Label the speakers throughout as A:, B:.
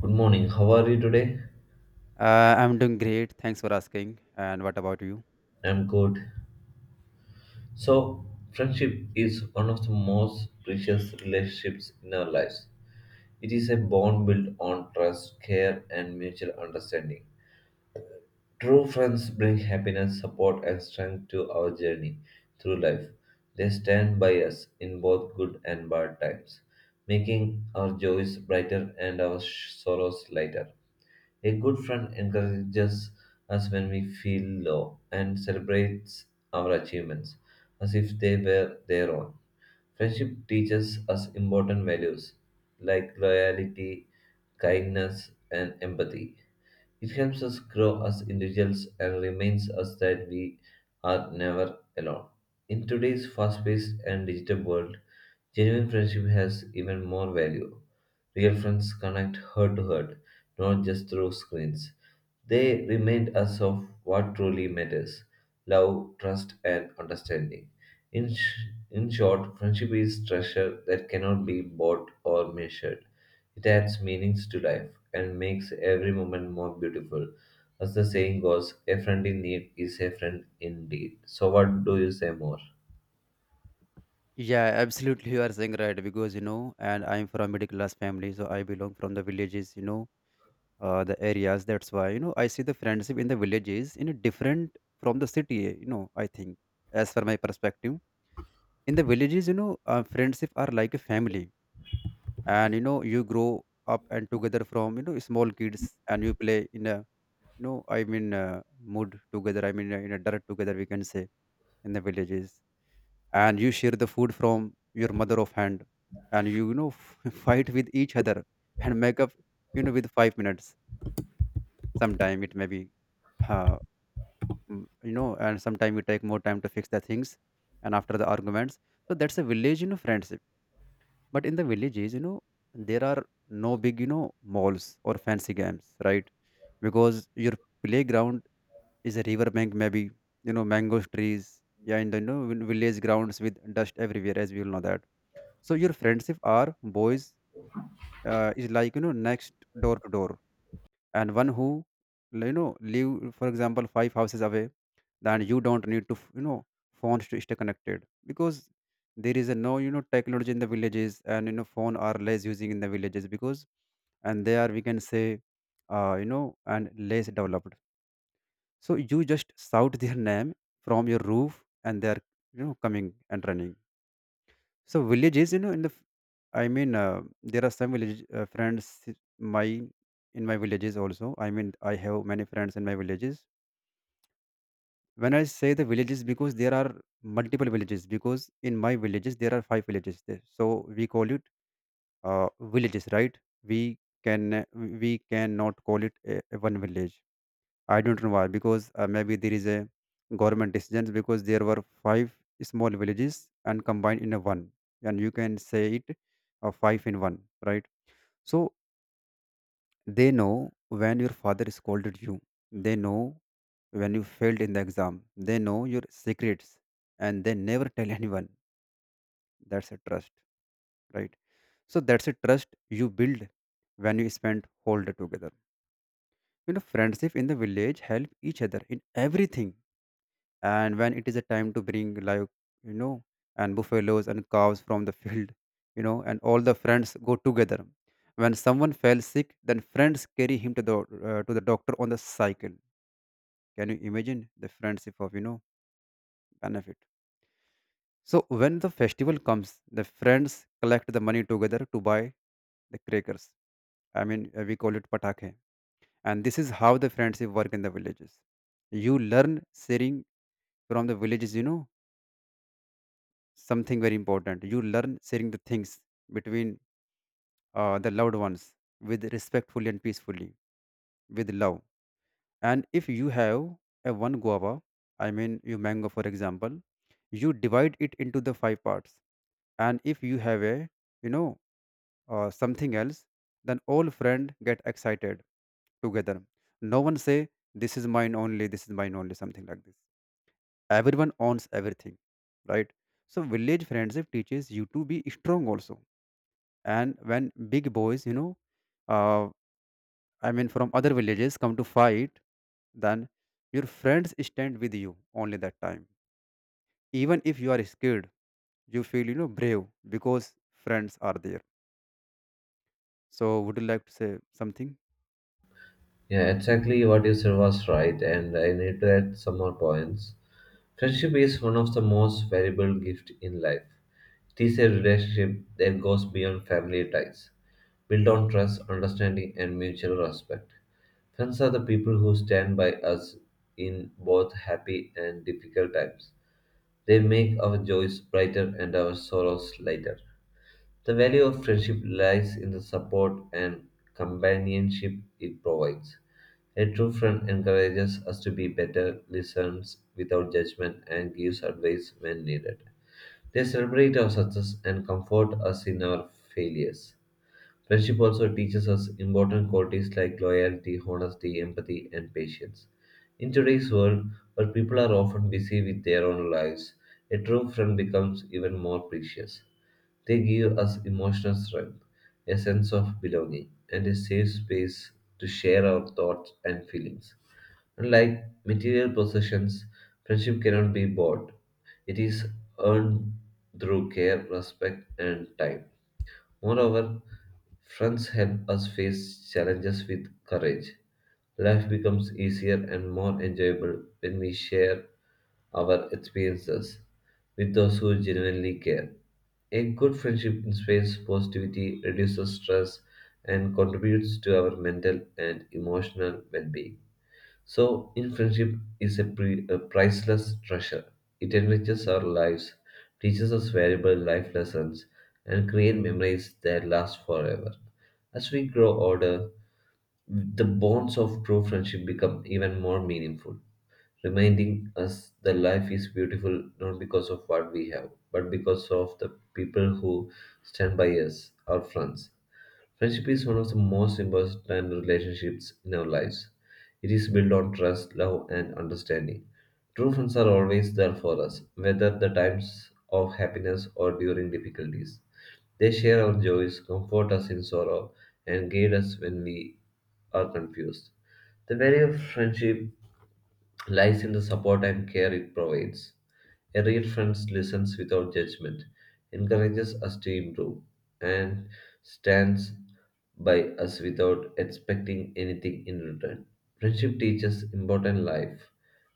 A: Good morning. How are you today?
B: I'm doing great. Thanks for asking. And what about you?
A: I'm good. So, Friendship is one of the most precious relationships in our lives. It is a bond built on trust, care, and mutual understanding. True friends bring happiness, support, and strength to our journey through life. They stand by us in both good and bad times, making our joys brighter and our sorrows lighter. A good friend encourages us when we feel low and celebrates our achievements as if they were their own. Friendship teaches us important values like loyalty, kindness, and empathy. It helps us grow as individuals and reminds us that we are never alone. In today's fast paced and digital world, genuine friendship has even more value. Real friends connect heart to heart not just through screens. They remind us of what truly matters love, trust, and understanding. In short, friendship is treasure that cannot be bought or measured. It adds meanings to life and makes every moment more beautiful. As the saying goes, a friend in need is a friend indeed. So, what do you say more?
B: Yeah, absolutely. You are saying right because and I'm from middle class family, so I belong from the villages. The areas. That's why I see the friendship in the villages in a different from the city. I think as for my perspective, in the villages, friendship are like a family, and you grow up and together from small kids, and you play in a mood together. In a dirt together, we can say in the villages, and you share the food from your mother of hand and you know fight with each other and make up with 5 minutes sometime it may be, uh, and sometime you take more time to fix the things and after the arguments. So that's a village friendship, but in the villages there are no big malls or fancy games, right? Because your playground is a riverbank maybe, mango trees, yeah, in the village grounds with dust everywhere, as we all know that. So your friendship are boys, is like next door to door, and one who live for example 5 houses away, then you don't need to phones to stay connected, because there is a no technology in the villages, and phone are less using in the villages because, and they are we can say and less developed. So you just shout their name from your roof and they are coming and running. So villages, in there are some village friends my in my villages also. I mean, I have many friends in my villages. When I say the villages, because there are multiple villages. Because in my villages there are 5 villages there. So we call it villages, right? We cannot call it a one village. I don't know why, because maybe there is a government decision because there were 5 small villages and combined in a one, and you can say it 5 in 1, right? So they know when your father scolded you, they know when you failed in the exam, they know your secrets, and they never tell anyone. That's a trust, right? So that's a trust you build when you spend whole day together. You know, friendship in the village help each other in everything, and when it is a time to bring like you know and buffaloes and cows from the field, and all the friends go together. When someone fell sick, then friends carry him to the doctor on the cycle. Can you imagine the friendship of benefit? So when the festival comes, the friends collect the money together to buy the crackers. We call it patake, and this is how the friendship work in the villages. You learn sharing from the villages, something very important. You learn sharing the things between the loved ones with respectfully and peacefully, with love. And if you have a one guava, I mean your mango, for example, you divide it into the 5 parts. And if you have a, you know, something else, then all friend get excited together. No one say this is mine only, this is mine only, something like this. Everyone owns everything, right? So village friendship teaches you to be strong also. And when big boys uh, I mean from other villages come to fight, then your friends stand with you only that time. Even if you are scared, you feel brave because friends are there. So would you like to say something?
A: Yeah, exactly what you said was right, and I need to add some more points. Friendship is one of the most valuable gifts in life. It is a relationship that goes beyond family ties, built on trust, understanding, and mutual respect. Friends are the people who stand by us in both happy and difficult times. They make our joys brighter and our sorrows lighter. The value of friendship lies in the support and companionship it provides. A true friend encourages us to be better, listens without judgment, and gives advice when needed. They celebrate our success and comfort us in our failures. Friendship also teaches us important qualities like loyalty, honesty, empathy, and patience. In today's world, where people are often busy with their own lives, a true friend becomes even more precious. They give us emotional strength, a sense of belonging, and a safe space to share our thoughts and feelings. Unlike material possessions, friendship cannot be bought. It is earned through care, respect, and time. Moreover, friends help us face challenges with courage. Life becomes easier and more enjoyable when we share our experiences with those who genuinely care. A good friendship inspires positivity, reduces stress, and contributes to our mental and emotional well being. So, in friendship is a priceless treasure. It enriches our lives, teaches us valuable life lessons, and create memories that last forever. As we grow older, the bonds of true friendship become even more meaningful, reminding us that life is beautiful not because of what we have, but because of the people who stand by us, our friends. Friendship is one of the most important relationships in our lives. It is built on trust, love, and understanding. True friends are always there for us, whether the times of happiness or during difficulties. They share our joys, comfort us in sorrow, and guide us when we are confused. The value of friendship lies in the support and care it provides. A real friend listens without judgment, encourages us to improve, and stands by us without expecting anything in return. Friendship teaches important life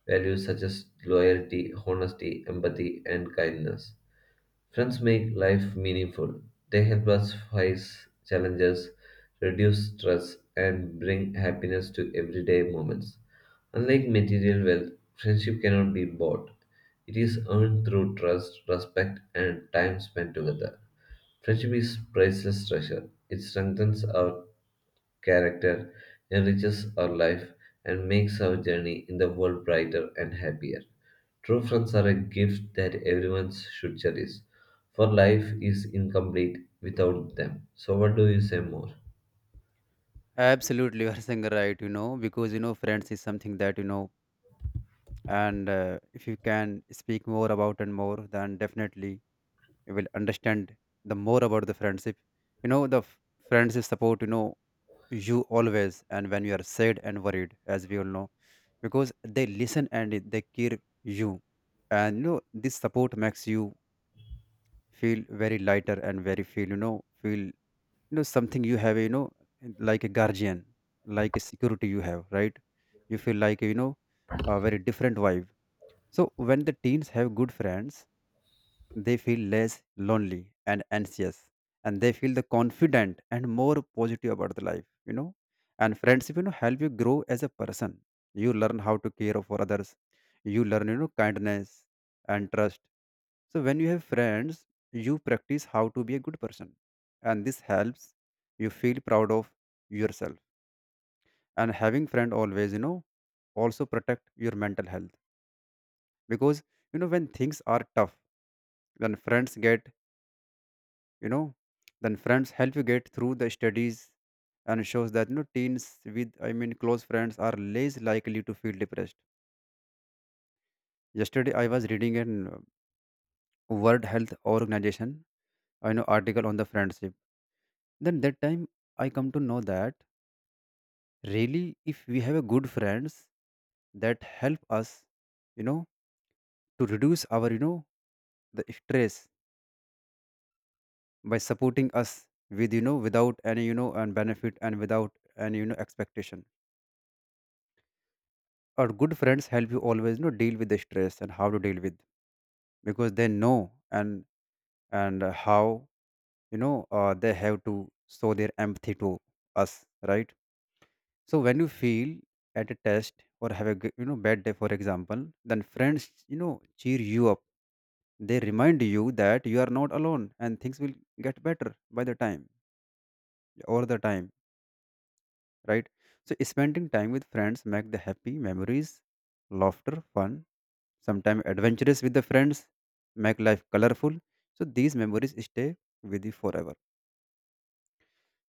A: values such as loyalty, honesty, empathy, and kindness. Friends make life meaningful. They help us face challenges, reduce stress, and bring happiness to everyday moments. Unlike material wealth, friendship cannot be bought. It is earned through trust, respect, and time spent together. Friendship is priceless treasure. It strengthens our character, enriches our life, and makes our journey in the world brighter and happier. True friends are a gift that everyone should cherish, for life is incomplete without them. So, what do you say more?
B: Absolutely, you are saying right, because friends is something that and if you can speak more about and more, then definitely you will understand the more about the friendship. you know the f- Friendship support you always, and when you are sad and worried, as we all know, because they listen and they care you. And this support makes you feel very lighter, and very feel something you have, like a guardian, like a security you have, right? You feel like a very different vibe. So when the teens have good friends, they feel less lonely and anxious, and they feel the confident and more positive about the life, you know. And friendship, help you grow as a person. You learn how to care for others. You learn, kindness and trust. So when you have friends, you practice how to be a good person, and this helps you feel proud of yourself. And having friend always, also protect your mental health, because when things are tough, when friends get you know then friends help you get through the studies, and shows that teens with close friends are less likely to feel depressed. Yesterday I was reading an World Health Organization, I know, article on the friendship. Then that time I come to know that really, if we have a good friends, that help us you know to reduce our the stress by supporting us with without any and benefit, and without any expectation. Or good friends help you always deal with the stress and how to deal with, because they know, and how they have to show their empathy to us, right? So when you feel at a test or have a bad day for example, then friends cheer you up. They remind you that you are not alone and things will get better by the time, over the time, right? So spending time with friends make the happy memories, laughter, fun, sometimes adventurous with the friends, make life colorful. So these memories stay with you forever.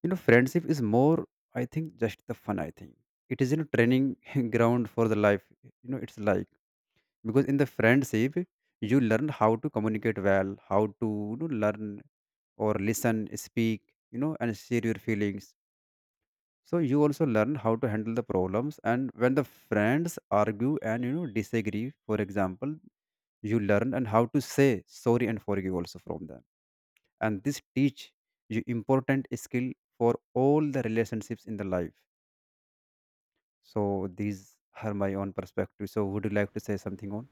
B: You know, friendship is more I think just the fun, I think. It is training ground for the life. It's like, because in the friendship you learn how to communicate well, how to learn or listen, speak, and share your feelings. So you also learn how to handle the problems, and when the friends argue and disagree for example, you learn and how to say sorry and forgive also from them. And this teach you important skill for all the relationships in the life. So these are my own perspective. So would you like to say something on?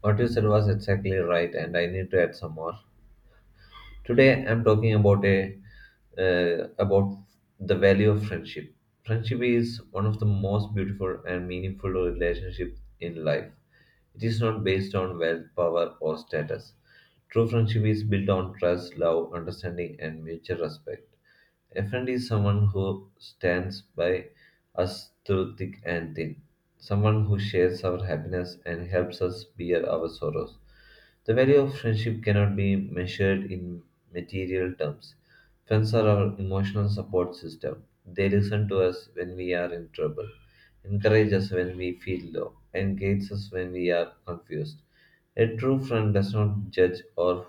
A: What you said was exactly right, and I need to add some more. Today, I'm talking about a about the value of friendship. Friendship is one of the most beautiful and meaningful relationships in life. It is not based on wealth, power, or status. True friendship is built on trust, love, understanding, and mutual respect. A friend is someone who stands by us through thick and thin, someone who shares our happiness and helps us bear our sorrows the value of friendship cannot be measured in material terms. Friends are our emotional support system. They listen to us when we are in trouble, encourage us when we feel low, and guide us when we are confused. A true friend does not judge or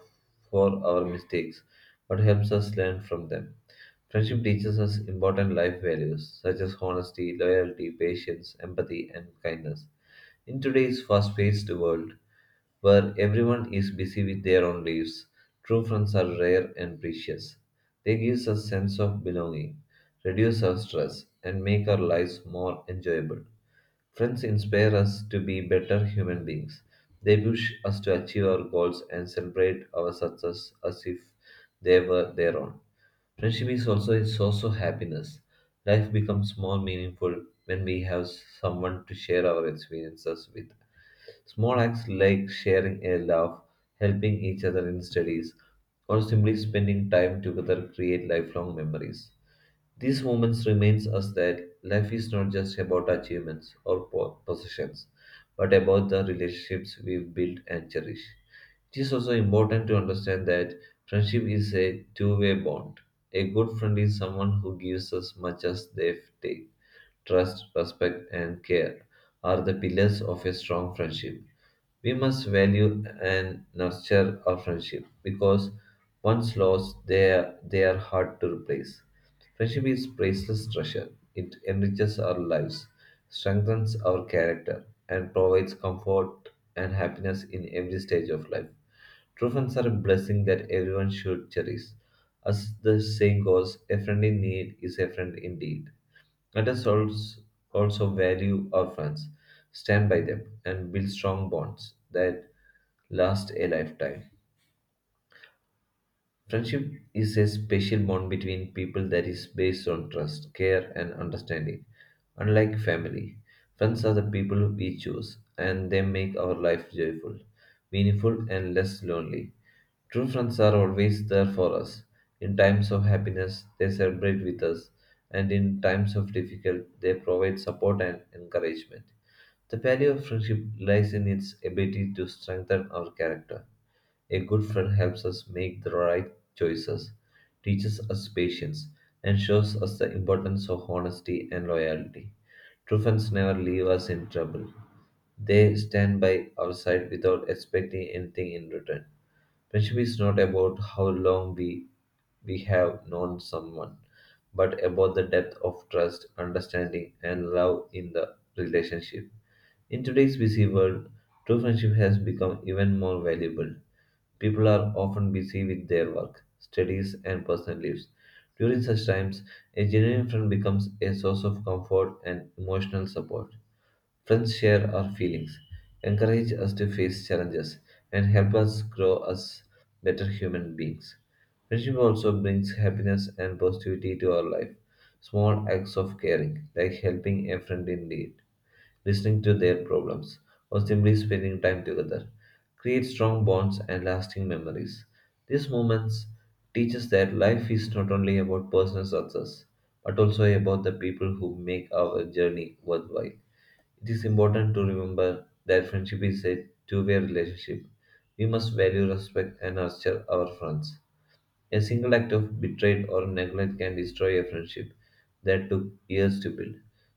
A: for our mistakes, but helps us learn from them. Friendship teaches us important life values such as honesty, loyalty, patience, empathy, and kindness. In today's fast paced world, where everyone is busy with their own lives, true friends are rare and precious. They give us a sense of belonging, reduce our stress, and make our lives more enjoyable. Friends inspire us to be better human beings. They push us to achieve our goals and celebrate our success as if they were their own. Friendship is also a source of happiness. Life becomes more meaningful when we have someone to share our experiences with. Small acts like sharing a laugh, helping each other in studies, or simply spending time together create lifelong memories. These moments reminds us that life is not just about achievements or possessions, but about the relationships we build and cherish. It is also important to understand that friendship is a two-way bond. A good friend is someone who gives as much as they take. Trust, respect, and care are the pillars of a strong friendship. We must value and nurture our friendship because once lost, they are hard to replace. Friendship is priceless treasure. It enriches our lives, strengthens our character, and provides comfort and happiness in every stage of life. True friends are a blessing that everyone should cherish. As the saying goes, a friend in need is a friend indeed. Let us also value our friends, stand by them, and build strong bonds that last a lifetime. Friendship is a special bond between people that is based on trust, care, and understanding. Unlike family, friends are the people we choose, and they make our life joyful, meaningful, and less lonely. True friends are always there for us. In times of happiness, they celebrate with us, and in times of difficulty, they provide support and encouragement. The value of friendship lies in its ability to strengthen our character a good friend helps us make the right choices, teaches us patience, and shows us the importance of honesty and loyalty. True friends never leave us in trouble. They stand by our side without expecting anything in return. Friendship is not about how long we have known someone, but about the depth of trust, understanding, and love in the relationship. In today's busy world, true friendship has become even more valuable. People are often busy with their work, studies, and personal lives. During such times, a genuine friend becomes a source of comfort and emotional support. Friends share our feelings, encourage us to face challenges, and help us grow as better human beings. Friendship also brings happiness and positivity to our life. Small acts of caring, like helping a friend in need, listening to their problems, or simply spending time together, create strong bonds and lasting memories. These moments teach us that life is not only about personal success, but also about the people who make our journey worthwhile. It is important to remember that friendship is a two-way relationship. We must value, respect, and nurture our friends a single act of betrayal or neglect can destroy a friendship that took years to build.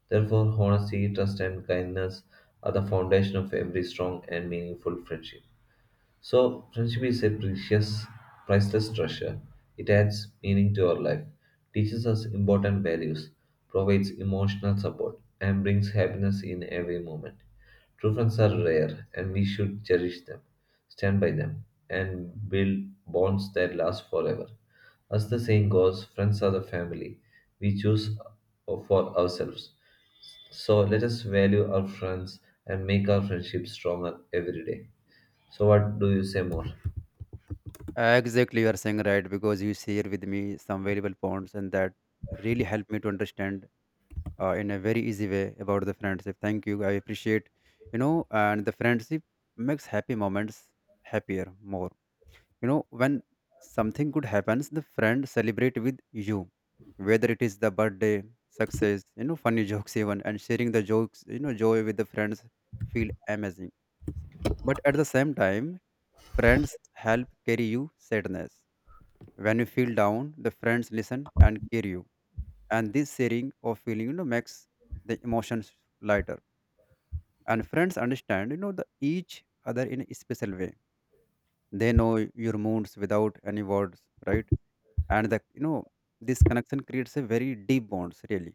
A: Therefore, honesty, trust, and kindness are the foundation of every strong and meaningful friendship. So, friendship is a precious, priceless treasure. It adds meaning to our life, teaches us important values, provides emotional support, and brings happiness in every moment. True friends are rare, and we should cherish them, stand by them, and build bonds that last forever. As the saying goes, friends are the family we choose for ourselves. So, let us value our friends and make our friendship stronger every day. So what do you say more?
B: Exactly, you are saying right because you share with me some valuable points, and that really helped me to understand, in a very easy way about the friendship. Thank you, I appreciate. And the friendship makes happy moments happier more. You know, when something good happens, the friend celebrate with you, whether it is the birthday, success, funny jokes even, and sharing the jokes, joy with the friends feel amazing. But at the same time, friends help carry you sadness. When you feel down, the friends listen and carry you, and this sharing of feeling makes the emotions lighter. And friends understand the each other in a special way. They know your moods without any words, right? And the you know this connection creates a very deep bonds, really.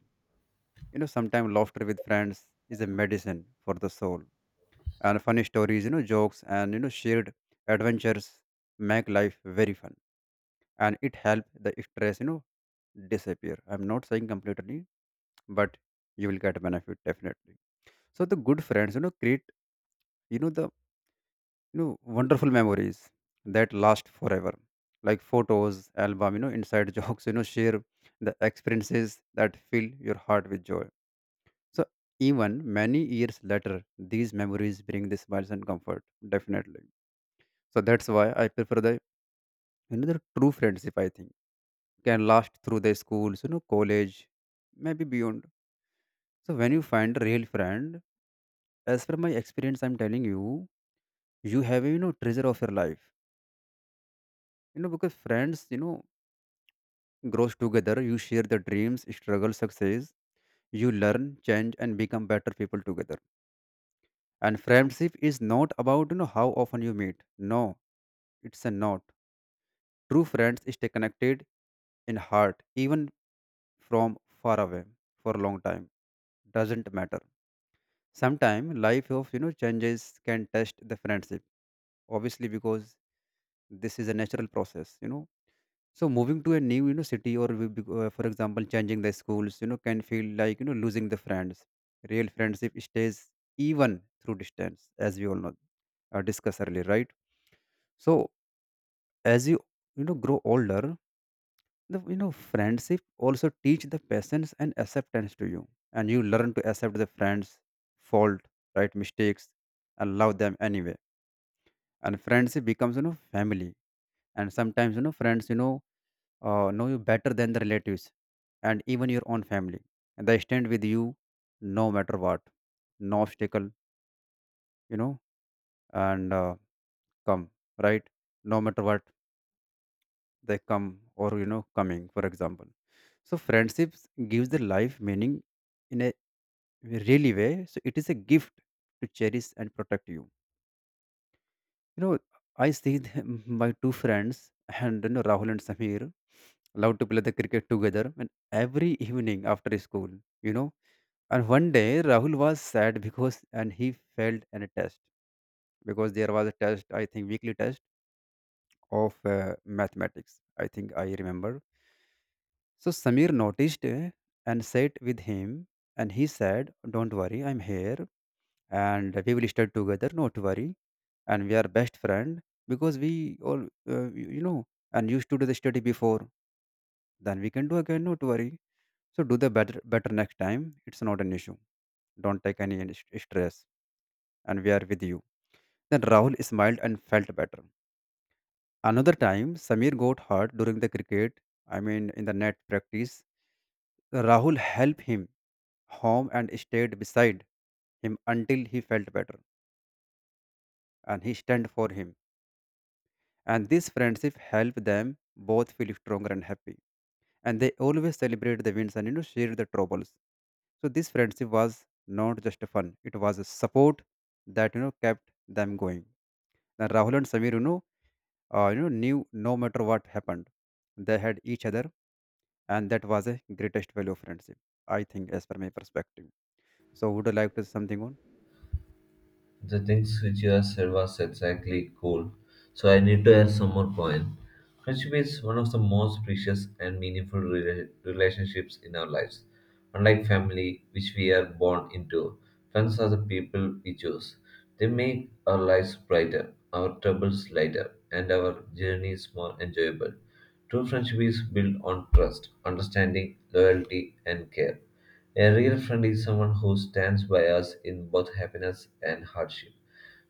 B: You know, sometimes laughter with friends is a medicine for the soul, and funny stories, jokes, and shared adventures make life very fun. And it help the stress disappear, I'm not saying completely, but you will get benefit definitely. So the good friends, you know, create, you know, the you know wonderful memories that last forever. Like photos, album, inside jokes, share the experiences that fill your heart with joy. So even many years later, these memories bring the smiles and comfort, definitely. So that's why I prefer the the true friendship, I think, can last through the schools, college, maybe beyond. So when you find a real friend, as per my experience, I'm telling you, you have a treasure of your life, because friends, grows together. You share the dreams, struggle, success. You learn, change and become better people together. And friendship is not about, how often you meet. No, it's a not, true friends stay connected in heart even from far away for a long time. Doesn't matter. Sometimes life of, changes can test the friendship, obviously, because this is a natural process, So moving to a new, city, or for example, changing the schools, can feel like, losing the friends. Real friendship stays even through distance, as we all know, discussed earlier, right? So as you, grow older, the, friendship also teach the patience and acceptance to you. And you learn to accept the friends' fault, right? Mistakes, and love them anyway. And friendship becomes, family. And sometimes, friends, know you better than the relatives and even your own family. And they stand with you no matter what, no obstacle, you know, and come, right? No matter what, they come or, coming, for example. So, friendships gives the life meaning in a really way. So, it is a gift to cherish and protect you. You know, I see them, my two friends and, Rahul and Samir love to play the cricket together and every evening after school, you know And one day Rahul was sad because and he failed in a test, because there was a test, I think weekly test of mathematics. I think I remember. So Samir noticed, and sat with him and he said, "Don't worry, I'm here and we will study together, not worry. And we are best friend, because we all, uh, you you know, and used to do the study before. Then we can do again, not worry. So do the better, better next time. It's not an issue. Don't take any stress, and we are with you." Then Rahul smiled and felt better. Another time, Samir got hurt during the cricket, I mean, in the net practice. Rahul helped him home and stayed beside him until he felt better, and he stand for him. And this friendship helped them both feel stronger and happy. And they always celebrate the wins and share the troubles. So this friendship was not just fun; it was a support that kept them going. Now Rahul and Samir, knew no matter what happened, they had each other, and that was a greatest value of friendship, I think, as per my perspective. So would you like to say something on
A: The things which you have said was exactly cool. So I need to add some more point. Friendship is one of the most precious and meaningful relationships in our lives. Unlike family, which we are born into, friends are the people we choose. They make our lives brighter, our troubles lighter, and our journeys more enjoyable. True friendship is built on trust, understanding, loyalty, and care. A real friend is someone who stands by us in both happiness and hardship.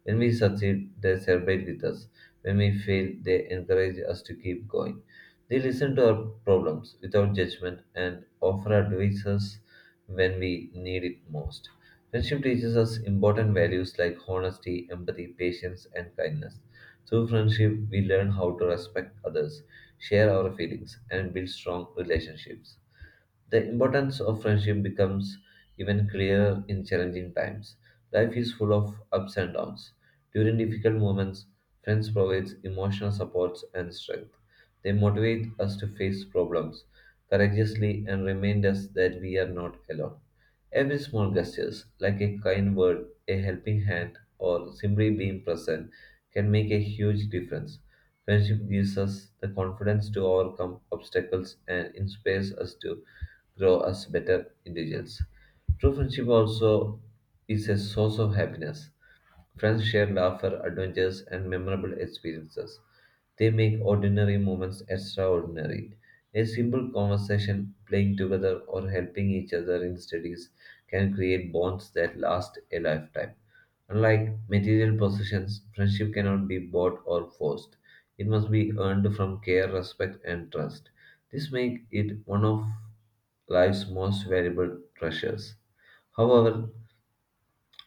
A: When we succeed, they celebrate with us. When we fail, they encourage us to keep going. They listen to our problems without judgment and offer advices when we need it most. Friendship teaches us important values like honesty, empathy, patience, and kindness. Through friendship, we learn how to respect others, share our feelings, and build strong relationships. The importance of friendship becomes even clearer in challenging times. Life is full of ups and downs. During difficult moments, friends provide emotional support and strength. They motivate us to face problems courageously and remind us that we are not alone. Every small gesture, like a kind word, a helping hand, or simply being present, can make a huge difference. Friendship gives us the confidence to overcome obstacles and inspires us to grow as better individuals. True friendship also is a source of happiness. Friends share laughter, adventures, and memorable experiences. They make ordinary moments extraordinary. A simple conversation, playing together, or helping each other in studies can create bonds that last a lifetime. Unlike material possessions, friendship cannot be bought or forced. It must be earned from care, respect, and trust. This makes it one of life's most valuable treasures. However,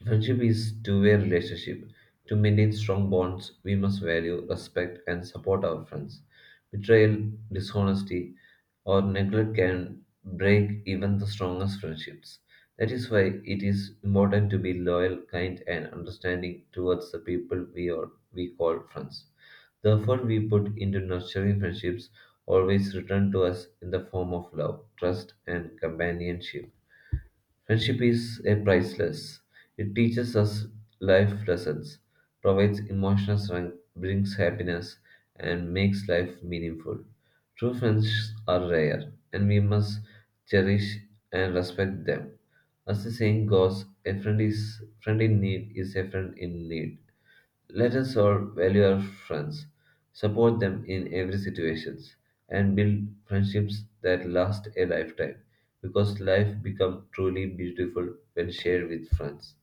A: friendship is two-way relationship. To maintain strong bonds, we must value, respect, and support our friends. Betrayal, dishonesty, or neglect can break even the strongest friendships. That is why it is important to be loyal, kind, and understanding towards the people we call friends. The effort we put into nurturing friendships always return to us in the form of love, trust, and companionship. Friendship is a priceless. It teaches us life lessons, provides emotional strength, brings happiness, and makes life meaningful. True friends are rare, and we must cherish and respect them. As the saying goes, a friend in need is a friend in need. Let us all value our friends, support them in every situation, and build friendships that last a lifetime because life becomes truly beautiful when shared with friends.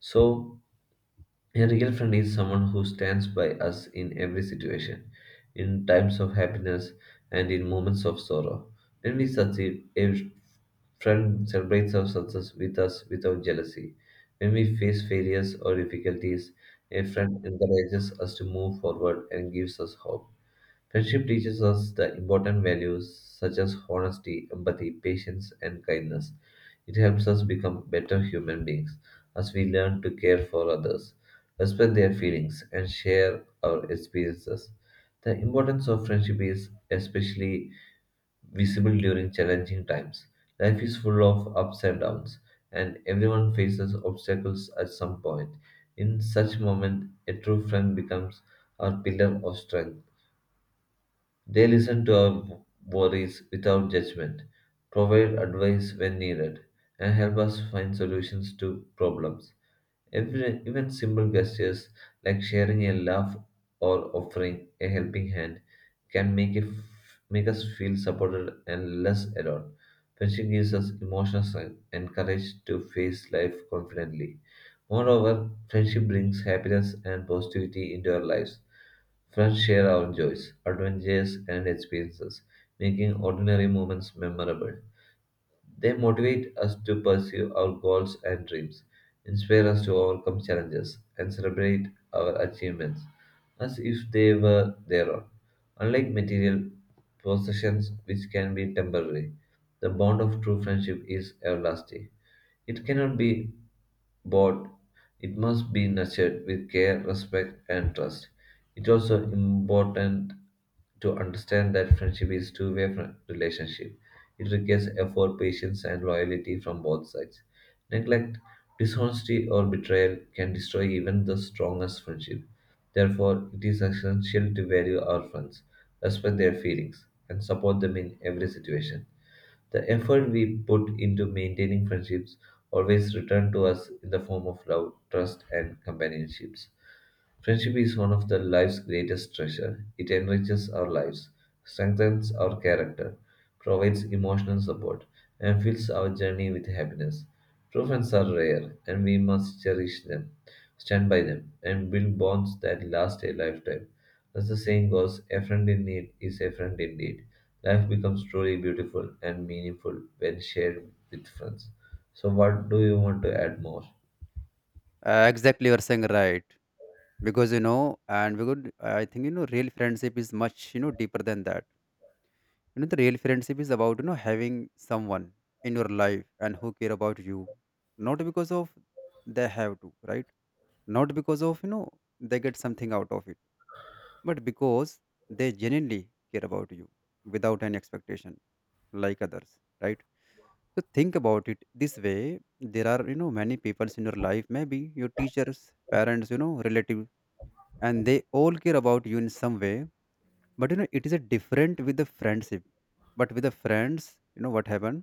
A: So, a real friend is someone who stands by us in every situation, in times of happiness and in moments of sorrow. When we succeed, a friend celebrates our success with us without jealousy. When we face failures or difficulties, a friend encourages us to move forward and gives us hope. Friendship teaches us the important values such as honesty, empathy, patience, and kindness. It helps us become better human beings as we learn to care for others, respect their feelings, and share our experiences. The importance of friendship is especially visible during challenging times. Life is full of ups and downs, and everyone faces obstacles at some point. In such moment, a true friend becomes our pillar of strength. They listen to our worries without judgment, provide advice when needed, and help us find solutions to problems. Every, even simple gestures like sharing a laugh or offering a helping hand can make us feel supported and less alone. Friendship gives us emotional strength and courage to face life confidently. Moreover, friendship brings happiness and positivity into our lives. Friends share our joys, adventures, and experiences, making ordinary moments memorable. They motivate us to pursue our goals and dreams, inspire us to overcome challenges, and celebrate our achievements as if they were their own. Unlike material possessions, which can be temporary, the bond of true friendship is everlasting. It cannot be but it must be nurtured with care, respect, and trust. It's also important to understand that friendship is a two-way relationship. It requires effort, patience, and loyalty from both sides. Neglect, dishonesty, or betrayal can destroy even the strongest friendship. Therefore, it is essential to value our friends, respect their feelings, and support them in every situation. The effort we put into maintaining friendships always return to us in the form of love, trust, and companionships. Friendship is one of the life's greatest treasure. It enriches our lives, strengthens our character, provides emotional support, and fills our journey with happiness. True friends are rare, and we must cherish them, stand by them, and build bonds that last a lifetime. As the saying goes, a friend in need is a friend indeed. Life becomes truly beautiful and meaningful when shared with friends. So, what do you want to add more?
B: exactly you're saying, right? Because, and we could, I think, real friendship is much, deeper than that. You know, the real friendship is about, having someone in your life and who care about you, not because of they have to, right? Not because of, they get something out of it, but because they genuinely care about you without any expectation, like others, right? So think about it this way. There are, many people in your life, maybe your teachers, parents, relative, and they all care about you in some way. But, it is a different with the friendship. But with the friends, what happens,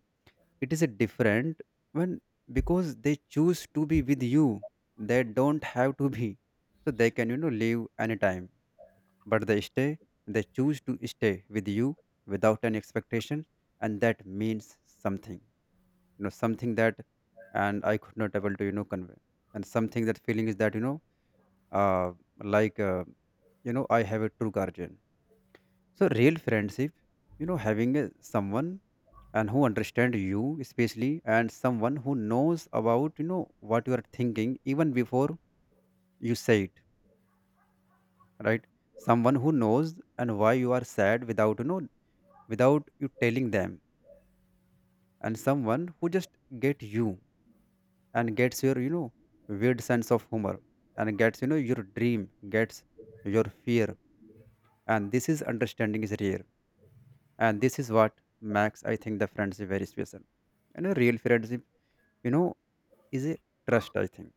B: it is a different when, because they choose to be with you. They don't have to be, so they can, leave anytime. But they stay, they choose to stay with you without any expectation, and that means something, something that, and I could not able to, convey. And something that feeling is that, uh like uh, I have a true guardian. So real friendship, having a, someone and who understand you especially, and someone who knows about, what you are thinking even before you say it, right? Someone who knows and why you are sad without, without you telling them. And someone who just get you, and gets your, weird sense of humor, and gets, your dream, gets your fear. And this is understanding is rare, and this is what makes, I think, the friendship very special. You know, real friendship, you know is a trust, I think.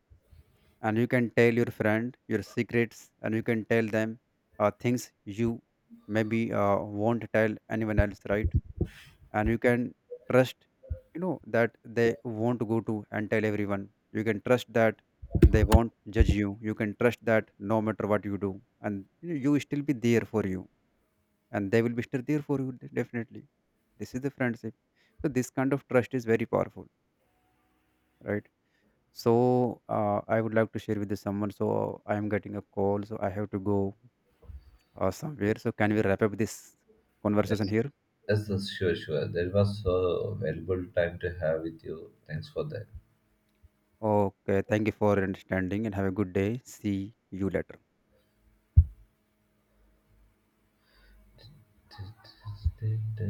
B: And you can tell your friend your secrets, and you can tell them things you maybe won't tell anyone else, right? And you can trust, that they won't go to and tell everyone. You can trust that they won't judge you. You can trust that no matter what you do, and you, know, you will still be there for you, and they will be still there for you, definitely. This is the friendship. So this kind of trust is very powerful, right? So I would like to share with someone. So I am getting a call, so I have to go somewhere. So can we wrap up this conversation
A: Yes.
B: here?
A: Yes, yes, sure, sure. That was so valuable time to have with you. Thanks for
B: Okay, thank you for understanding, and have a good day. See you later.
A: that.